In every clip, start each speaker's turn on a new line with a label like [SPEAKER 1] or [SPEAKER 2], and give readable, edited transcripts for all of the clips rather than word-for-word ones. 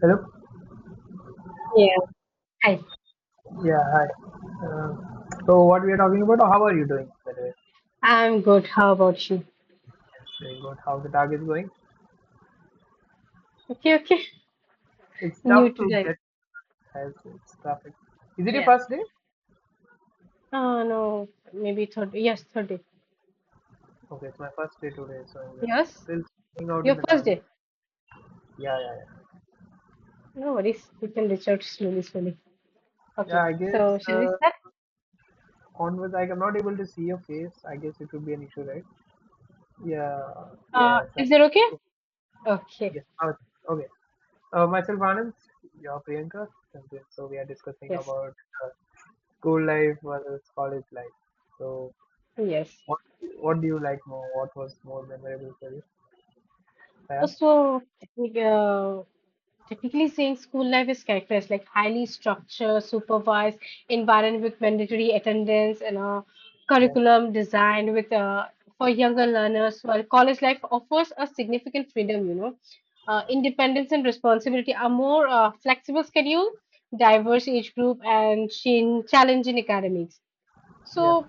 [SPEAKER 1] Hello.
[SPEAKER 2] Yeah. Hi.
[SPEAKER 1] Yeah, hi. Uh, so what we are talking about? How are you doing? By the way,
[SPEAKER 2] I'm good. How about you?
[SPEAKER 1] very good. How the tag is going?
[SPEAKER 2] Okay, okay.
[SPEAKER 1] It's tough
[SPEAKER 2] New
[SPEAKER 1] to
[SPEAKER 2] today.
[SPEAKER 1] get. As it's traffic. Is it your
[SPEAKER 2] Yeah.
[SPEAKER 1] first day?
[SPEAKER 2] Oh no. Maybe third, yes, third day.
[SPEAKER 1] Okay, it's my first day today, so I'm just
[SPEAKER 2] Yes?
[SPEAKER 1] still hanging out in
[SPEAKER 2] Your
[SPEAKER 1] the
[SPEAKER 2] first
[SPEAKER 1] target.
[SPEAKER 2] day.
[SPEAKER 1] Yeah, yeah, yeah.
[SPEAKER 2] No worries. We can reach out slowly, slowly. Okay.
[SPEAKER 1] Yeah, I
[SPEAKER 2] So
[SPEAKER 1] guess
[SPEAKER 2] shall we start?
[SPEAKER 1] onwards, like I'm not able to see your face. I guess it would be an issue, right? Yeah, yeah,
[SPEAKER 2] Uh, is
[SPEAKER 1] exactly.
[SPEAKER 2] that okay?
[SPEAKER 1] Yes,
[SPEAKER 2] Okay.
[SPEAKER 1] yes. Okay. Myself, Anand, your Priyanka. So we are discussing
[SPEAKER 2] Yes.
[SPEAKER 1] about uh, school life versus college life. So,
[SPEAKER 2] Yes.
[SPEAKER 1] what what do you like more? What was more memorable for you? Yeah,
[SPEAKER 2] So, uh, technically saying, school life is characterized like highly structured, supervised environment with mandatory attendance and a
[SPEAKER 1] yes,
[SPEAKER 2] curriculum designed with for younger learners. While college life offers a significant freedom, you know, independence and responsibility are more flexible schedule, diverse age group, and challenging academics.
[SPEAKER 1] yes.
[SPEAKER 2] So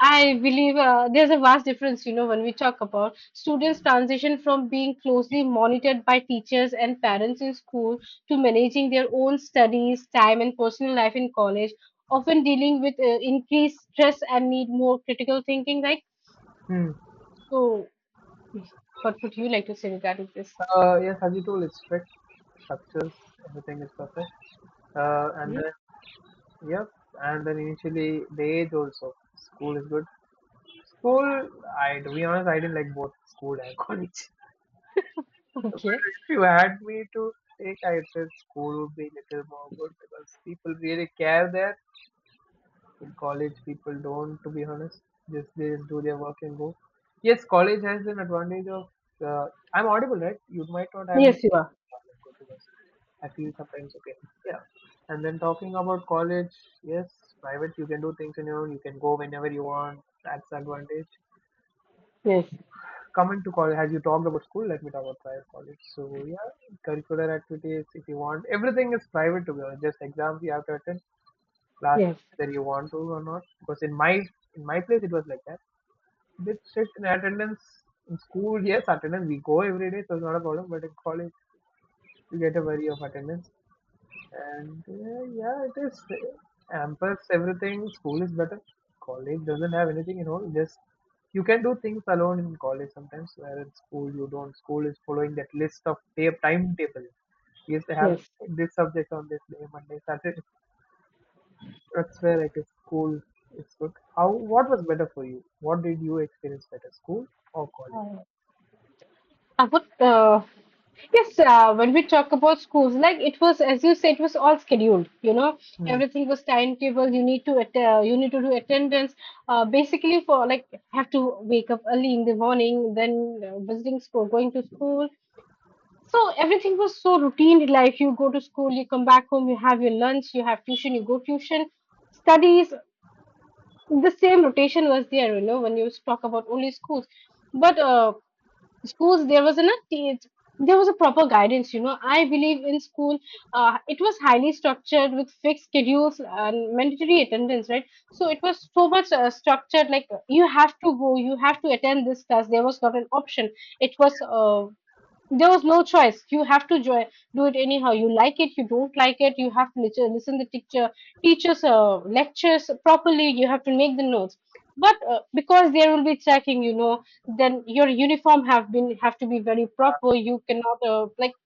[SPEAKER 2] I believe there's a vast difference, you know, when we talk about students' transition from being closely monitored by teachers and parents in school to managing their own studies, time, and personal life in college, often dealing with increased stress and need more critical thinking. Like,
[SPEAKER 1] Hmm.
[SPEAKER 2] so what would you like to say regarding this?
[SPEAKER 1] Yes, Haji tool is strict. Structures, everything is perfect. And
[SPEAKER 2] Mhm.
[SPEAKER 1] then, yep, and then initially the age also. School is good. School, I to be honest, I didn't like both school and college. But
[SPEAKER 2] Okay.
[SPEAKER 1] if you had me to take, I said school would be little more good because people really care there. In college, people don't, to be honest, just they just do their work and go. Yes, college has an advantage of. Uh, I'm audible, right? You might not have any
[SPEAKER 2] Yes, you are.
[SPEAKER 1] problem. Good because I feel sometimes okay. Yeah. And then talking about college, yes, private you can do things on your own. You can go whenever you want. That's the advantage.
[SPEAKER 2] Yes,
[SPEAKER 1] Coming to college, as you talked about school, let me talk about private college. So yeah, curricular activities if you want. Everything is private to be honest. Just exams you have to attend classes
[SPEAKER 2] yes,
[SPEAKER 1] whether you want to or not. Because in my place it was like that. This shit in attendance in school, yes, attendance we go every day, so it's not a problem. But in college, you get a worry of attendance, and yeah, it is hampers everything. School is better. College doesn't have anything, you know. Just you can do things alone in college sometimes, where in school you don't. School is following that list of tape timetable. Yes, they have
[SPEAKER 2] yes.
[SPEAKER 1] this subject on this day, Monday, Saturday. That's where I guess school is good. How what was better for you? What did you experience better, school or college?
[SPEAKER 2] I would, yes, when we talk about schools, like it was, as you said, it was all scheduled. You know,
[SPEAKER 1] Hmm.
[SPEAKER 2] everything was timetable. You need to you need to do attendance. Basically, for like have to wake up early in the morning, then visiting school, going to school. So everything was so routine life. You go to school, you come back home, you have your lunch, you have tuition, you go tuition, studies. The same rotation was there, you know, when you talk about only schools. But schools, there was there was a proper guidance, you know. I believe in school, it was highly structured with fixed schedules and mandatory attendance, right? So it was so much structured, like you have to go, you have to attend this class, there was not an option. It was there was no choice. You have to join, do it anyhow. You like it, you don't like it. You have to listen the teacher, teachers' lectures properly. You have to make the notes. But because there will be checking, you know, then your uniform have to be very proper. You cannot like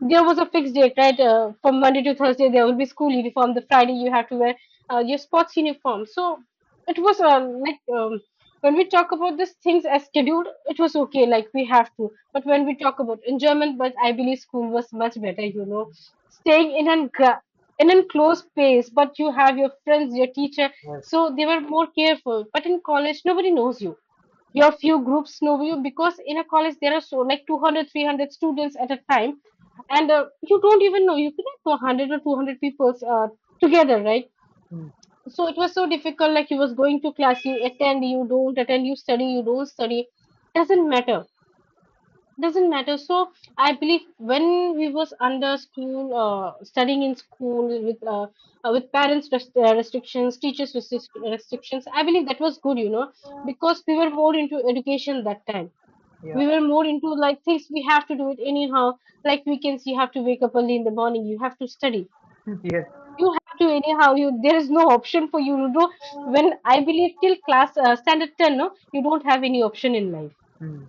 [SPEAKER 2] there was a fixed date, right? From Monday to Thursday, there will be school uniform. The Friday, you have to wear your sports uniform. So it was like when we talk about these things as scheduled, it was okay. Like we have to. But when we talk about enjoyment, but I believe school was much better. You know, staying in an gra- in an closed space, but you have your friends, your teacher.
[SPEAKER 1] Yes.
[SPEAKER 2] So they were more careful. But in college, nobody knows you, your few groups know you, because in a college there are so, like, 200, 300 students at a time, and you don't even know, you cannot know 100 or 200 people together, right?
[SPEAKER 1] Hmm.
[SPEAKER 2] So it was so difficult, like you was going to class, you attend, you don't attend, you study, you don't study, doesn't matter doesn't matter. So I believe when we was under school, studying in school with parents restrictions, teachers restrictions, I believe that was good, you know, because we were more into education that time,
[SPEAKER 1] Yeah.
[SPEAKER 2] we were more into like things, we have to do it anyhow. Like weekends you have to wake up early in the morning, you have to study,
[SPEAKER 1] Hmm. Yes.
[SPEAKER 2] you have to anyhow, you there is no option for you to do. When I believe till class, standard 10, no, you don't have any option in life.
[SPEAKER 1] Hmm.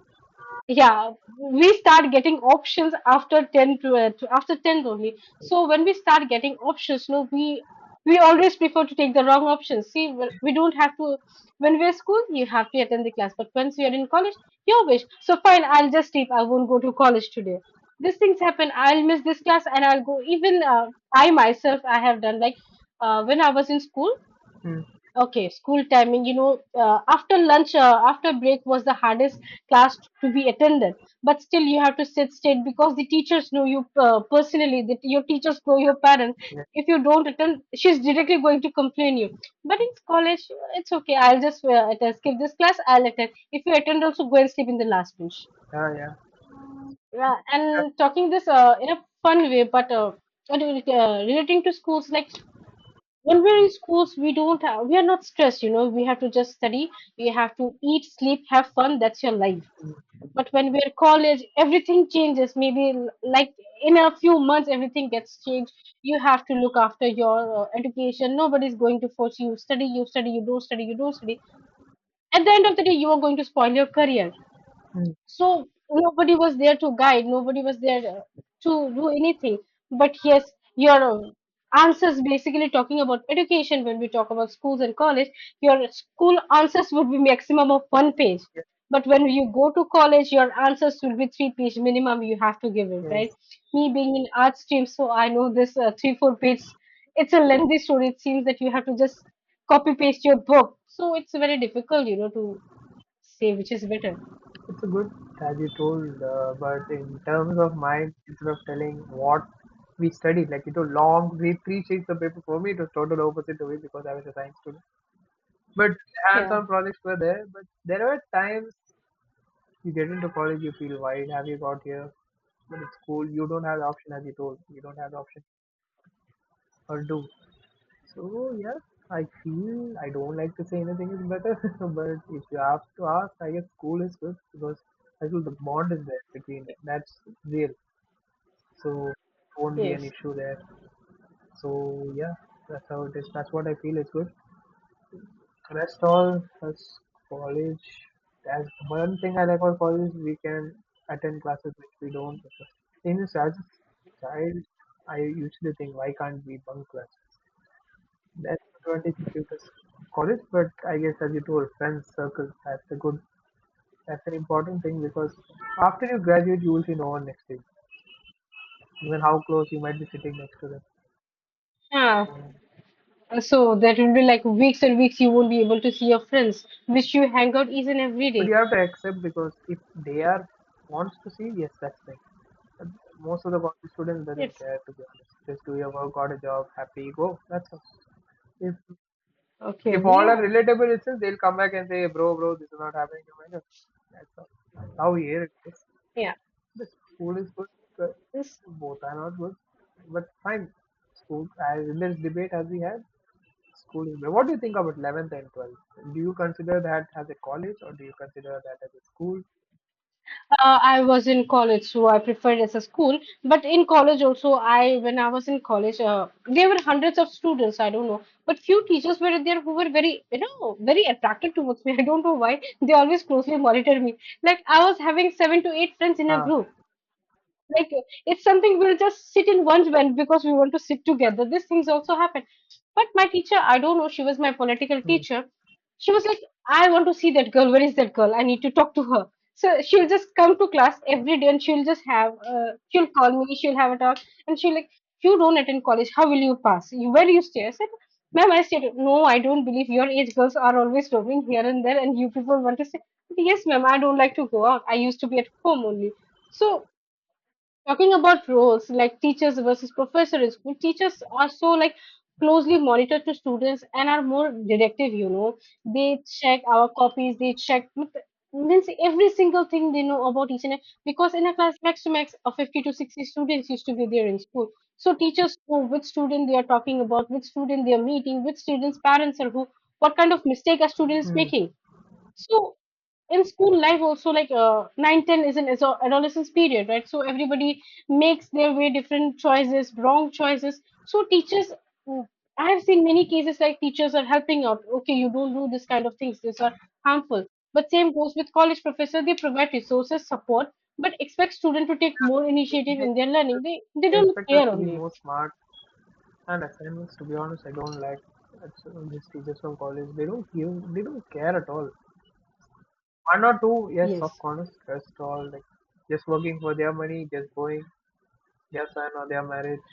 [SPEAKER 2] Yeah, we start getting options after 10 to, after 10 only. So when we start getting options, no, we always prefer to take the wrong options. See, we don't have to, when we're school you have to attend the class, but once you're in college, your wish. So fine, I'll just sleep, I won't go to college today. These things happen. I'll miss this class and I'll go, even I myself, I have done like when I was in school.
[SPEAKER 1] Hmm.
[SPEAKER 2] Okay, school timing, you know, after lunch, after break was the hardest class to be attended. But still, you have to sit straight because the teachers know you personally, that your teachers know your parents.
[SPEAKER 1] Yes.
[SPEAKER 2] If you don't attend, she's directly going to complain you. But in college, it's okay. I'll just attend, skip this class. I'll attend. If you attend, also go and sleep in the last bench.
[SPEAKER 1] Yeah. Yeah.
[SPEAKER 2] Yeah, and talking this in a fun way, but relating to schools, like when we're in schools we don't have, we are not stressed, you know, we have to just study, we have to eat, sleep, have fun, that's your life. But when we're college everything changes, maybe like in a few months everything gets changed. You have to look after your education, nobody's going to force you study, you study, you don't study, you don't study, at the end of the day you are going to spoil your career.
[SPEAKER 1] Hmm.
[SPEAKER 2] So nobody was there to guide, nobody was there to do anything. But yes, your answers, basically talking about education when we talk about schools and college, your school answers would be maximum of one page,
[SPEAKER 1] Yes.
[SPEAKER 2] but when you go to college your answers will be three-page minimum, you have to give it, right?
[SPEAKER 1] Yes.
[SPEAKER 2] Me being in art stream, so I know this, 3 4 page, it's a lengthy story, it seems that you have to just copy paste your book. So it's very difficult, you know, to say which is better.
[SPEAKER 1] It's a good as you told, but in terms of mine, instead of telling what we studied, like you know, long we three sheets of paper for me, it was total opposite to me because I was a science student. But
[SPEAKER 2] Yeah.
[SPEAKER 1] hands-on projects were there. But there were times. You get into college, you feel why have you got here? But it's cool. You don't have the option, as you told. You don't have the option or do. So yeah, I feel I don't like to say anything is better, but if you have to ask, I guess school is good because I feel the bond is there between. That's real. So won't be an
[SPEAKER 2] Yes.
[SPEAKER 1] issue there. So yeah, that's how it is. That's what I feel is good. Rest all has college. As one thing I like about college, is we can attend classes which we don't. In as a child, I usually think, why can't we bunk classes? That's the advantage you give to college, but I guess as you told, friends circle that's a good, that's an important thing because after you graduate, you will see no one next to you, even how close you might be sitting next to them.
[SPEAKER 2] Yeah,
[SPEAKER 1] So
[SPEAKER 2] so that will be like weeks and weeks you won't be able to see your friends, which you hang out each and every
[SPEAKER 1] but
[SPEAKER 2] day.
[SPEAKER 1] you have to accept because if they are wants to see, yes, that's fine. But most of the college students doesn't
[SPEAKER 2] Yes.
[SPEAKER 1] care to be honest. Just do your work, got a job, happy, go. That's all. If
[SPEAKER 2] Okay.
[SPEAKER 1] if all are
[SPEAKER 2] Yeah.
[SPEAKER 1] relatable itself, they'll come back and say, bro, bro, this is not happening to my life. That's all. That's how here it is.
[SPEAKER 2] Yeah.
[SPEAKER 1] The school is good, but
[SPEAKER 2] Yes.
[SPEAKER 1] both are not good. But fine. School as in this debate as we had, school is better. What do you think about 11th and 12th? Do you consider that as a college or do you consider that as a school?
[SPEAKER 2] I was in college, so I preferred as a school. But in college also, I when I was in college, there were hundreds of students. I don't know, but few teachers were there who were very, you know, very attracted towards me. I don't know why. They always closely monitored me. Like I was having 7 to 8 friends in a
[SPEAKER 1] Huh.
[SPEAKER 2] group. Like it's something we'll just sit in one bench because we want to sit together. These things also happen. But my teacher, I don't know, she was my political
[SPEAKER 1] Hmm.
[SPEAKER 2] teacher. She was like, I want to see that girl. Where is that girl? I need to talk to her. So she'll just come to class every day and she'll just have, she'll call me, she'll have a talk. And she'll like, you don't attend college. How will you pass? You, where do you stay? I said, ma'am, I said, no, I don't believe, your age girls are always roaming here and there and you people want to say, yes, ma'am, I don't like to go out, I used to be at home only. So talking about roles like teachers versus professor, in school teachers are so like closely monitored to students and are more directive, you know. They check our copies, they check, means every single thing they know about each and every, because in a class max to max of 50 to 60 students used to be there in school. So teachers know which student they are talking about, which student they are meeting, which students parents are who, what kind of mistake a student is
[SPEAKER 1] Hmm.
[SPEAKER 2] making. So in school life also, like 9 10 is an is a adolescence period, right? So everybody makes their way, different choices, wrong choices. So teachers, mm, I have seen many cases like teachers are helping out, okay, you don't do this kind of things, these are harmful. But same goes with college professor, they provide resources, support, but expect student to take more
[SPEAKER 1] They
[SPEAKER 2] initiative in their learning, they
[SPEAKER 1] they
[SPEAKER 2] don't
[SPEAKER 1] expect us
[SPEAKER 2] care
[SPEAKER 1] to be
[SPEAKER 2] only.
[SPEAKER 1] more smart and assignments. To be honest, I don't like these teachers from college. They don't give. They don't care at all. One or two, yes, of
[SPEAKER 2] Yes.
[SPEAKER 1] course, rest all like just working for their money, just going their son or their marriage.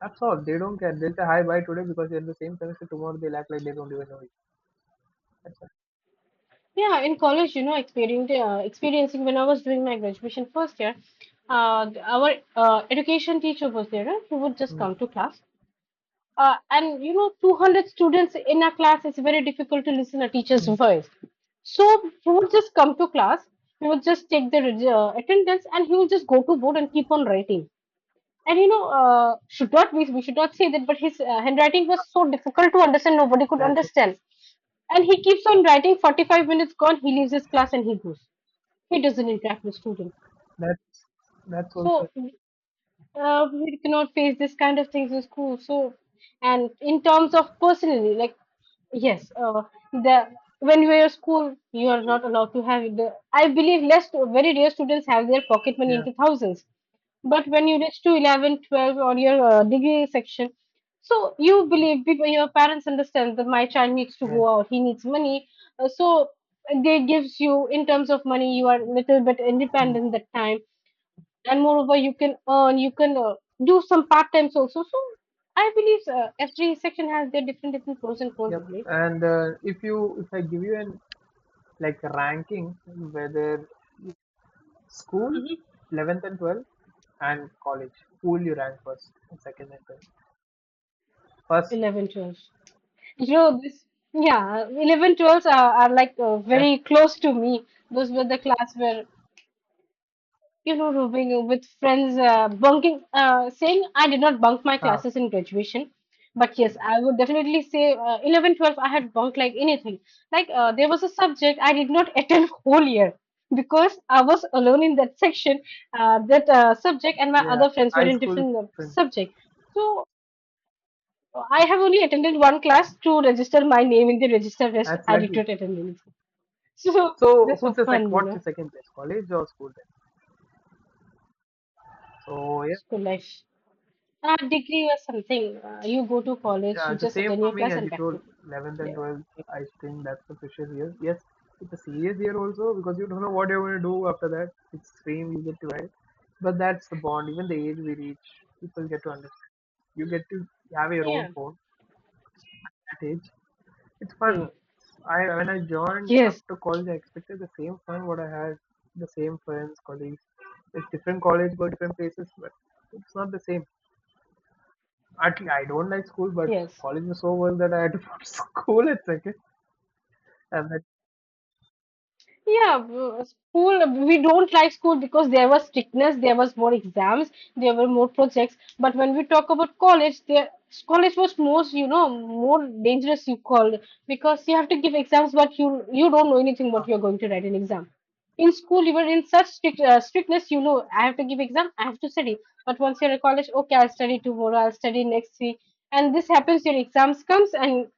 [SPEAKER 1] That's all. They don't care. They'll say hi bye today because they're in the same semester. Tomorrow they'll act like they don't even know you. That's all.
[SPEAKER 2] Yeah, in college, you know, experiencing when I was doing my graduation first year, our education teacher was there. He would just
[SPEAKER 1] Mm,
[SPEAKER 2] come to class, and you know, 200 students in a class. It's very difficult to listen a teacher's
[SPEAKER 1] mm.
[SPEAKER 2] voice. So he would just come to class. He would just take the attendance, and he would just go to board and keep on writing. And you know, should not we, should not say that, but his handwriting was so difficult to understand, nobody could
[SPEAKER 1] That's
[SPEAKER 2] understand. And he keeps on writing, 45 minutes gone, he leaves his class and he goes. He doesn't interact with students.
[SPEAKER 1] that's that's also,
[SPEAKER 2] So we cannot face this kind of things in school. So, and in terms of personally, like, yes, the when you are at school, you are not allowed to have the. I believe less, very rare students have their pocket money
[SPEAKER 1] yeah,
[SPEAKER 2] into thousands. But when you reach to 11, 12, or your degree section, so you believe people, your parents understand that my child needs to
[SPEAKER 1] yeah.
[SPEAKER 2] go out, he needs money. So they gives you in terms of money, you are little bit independent
[SPEAKER 1] Mm.
[SPEAKER 2] that time, and moreover you can earn, you can do some part times also. So I believe every section has their different different pros and cons, I
[SPEAKER 1] Yep.
[SPEAKER 2] believe.
[SPEAKER 1] And if I give you an like ranking whether school,
[SPEAKER 2] Mhm.
[SPEAKER 1] 11th and 12th, and college, who will you rank first and second and third? First
[SPEAKER 2] 11 12. You know this. Yeah, 11 12 are like
[SPEAKER 1] and,
[SPEAKER 2] very close to me. Those were the class where, you know, rooming with friends, bunking, saying I did not bunk my
[SPEAKER 1] ah
[SPEAKER 2] classes in graduation. But yes, I would definitely say 11, 12, I had bunked like anything. Like there was a subject I did not attend whole year because I was alone in that section, that subject, and my
[SPEAKER 1] yeah,
[SPEAKER 2] other friends were
[SPEAKER 1] high
[SPEAKER 2] in
[SPEAKER 1] school is
[SPEAKER 2] different
[SPEAKER 1] different.
[SPEAKER 2] subject. So I have only attended one class to register my name in the register. Rest
[SPEAKER 1] That's
[SPEAKER 2] I did
[SPEAKER 1] lucky.
[SPEAKER 2] not attend anything. So
[SPEAKER 1] So
[SPEAKER 2] that's
[SPEAKER 1] who's
[SPEAKER 2] for
[SPEAKER 1] the sec?
[SPEAKER 2] fun, you
[SPEAKER 1] What's
[SPEAKER 2] know,
[SPEAKER 1] your second place? College or school? Then? So yeah.
[SPEAKER 2] school life. A degree or something. You go to college, you
[SPEAKER 1] The
[SPEAKER 2] just
[SPEAKER 1] same
[SPEAKER 2] attend your
[SPEAKER 1] for me
[SPEAKER 2] class
[SPEAKER 1] as
[SPEAKER 2] and
[SPEAKER 1] you
[SPEAKER 2] back to
[SPEAKER 1] told,
[SPEAKER 2] home.
[SPEAKER 1] 11th and
[SPEAKER 2] Yeah.
[SPEAKER 1] 12th, I think that's the precious year. Yes, it's a serious year also because you don't know what you're going to do after that. It's same you get to write. But that's the bond. Even the age we reach, people get to understand. You get to have your own
[SPEAKER 2] Yeah.
[SPEAKER 1] phone at age. It's
[SPEAKER 2] Hmm.
[SPEAKER 1] fun. I When I joined
[SPEAKER 2] Yes.
[SPEAKER 1] after college, I expected the same fun what I had, the same friends, colleagues. It's different college, go different places, but it's not the same. At least I don't like school, but
[SPEAKER 2] Yes.
[SPEAKER 1] college was so well that I had to put school at second. And then
[SPEAKER 2] Yeah, school, we don't like school because there was strictness, there was more exams, there were more projects. But when we talk about college, there college was most, you know, more dangerous you call, because you have to give exams, but you don't know anything what you're going to write in exam. In school, you were in such strict strictness, you know, I have to give exam, I have to study. But once you're in college, okay, I'll study tomorrow, I'll study next week, and this happens. Your exams comes and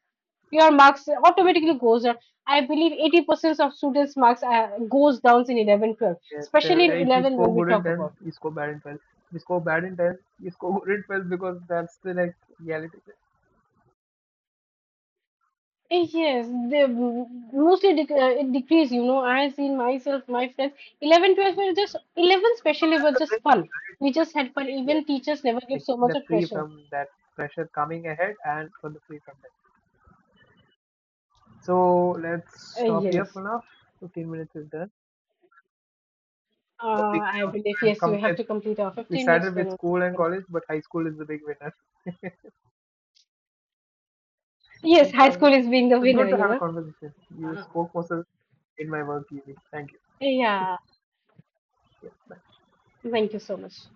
[SPEAKER 2] your marks automatically goes down. I believe 80% of students' marks goes down in 11, 12,
[SPEAKER 1] yes,
[SPEAKER 2] especially in
[SPEAKER 1] if you
[SPEAKER 2] 11
[SPEAKER 1] score
[SPEAKER 2] when we
[SPEAKER 1] good in
[SPEAKER 2] talk
[SPEAKER 1] 10,
[SPEAKER 2] about.
[SPEAKER 1] you score bad in 12. If you score bad in 10, you score good in 12 because that's the like reality.
[SPEAKER 2] Eh, yes, they mostly it decrease. You know, I seen myself, my friends, 11, 12 were just 11 especially
[SPEAKER 1] That's
[SPEAKER 2] were
[SPEAKER 1] the
[SPEAKER 2] just
[SPEAKER 1] break,
[SPEAKER 2] fun.
[SPEAKER 1] right?
[SPEAKER 2] We just had
[SPEAKER 1] Break
[SPEAKER 2] fun.
[SPEAKER 1] here.
[SPEAKER 2] Even teachers never give
[SPEAKER 1] Like
[SPEAKER 2] so much
[SPEAKER 1] the
[SPEAKER 2] of
[SPEAKER 1] free
[SPEAKER 2] pressure.
[SPEAKER 1] from that pressure coming ahead and from the free from that. So let's stop here
[SPEAKER 2] Yes,
[SPEAKER 1] for now. 15 minutes is done. So we
[SPEAKER 2] I believe
[SPEAKER 1] can
[SPEAKER 2] yes.
[SPEAKER 1] come
[SPEAKER 2] We have
[SPEAKER 1] with
[SPEAKER 2] to complete our
[SPEAKER 1] we
[SPEAKER 2] 15 minutes.
[SPEAKER 1] started
[SPEAKER 2] Then
[SPEAKER 1] with
[SPEAKER 2] only we
[SPEAKER 1] school and
[SPEAKER 2] can-
[SPEAKER 1] college, but high school is the big winner.
[SPEAKER 2] Yes,
[SPEAKER 1] Thank
[SPEAKER 2] high
[SPEAKER 1] you.
[SPEAKER 2] school is being the
[SPEAKER 1] It's
[SPEAKER 2] winner.
[SPEAKER 1] good to
[SPEAKER 2] You
[SPEAKER 1] have a
[SPEAKER 2] know.
[SPEAKER 1] conversation. You
[SPEAKER 2] Uh,
[SPEAKER 1] spoke muscle in my work easy. Thank you.
[SPEAKER 2] yeah.
[SPEAKER 1] Yeah. Bye.
[SPEAKER 2] Thank you so much.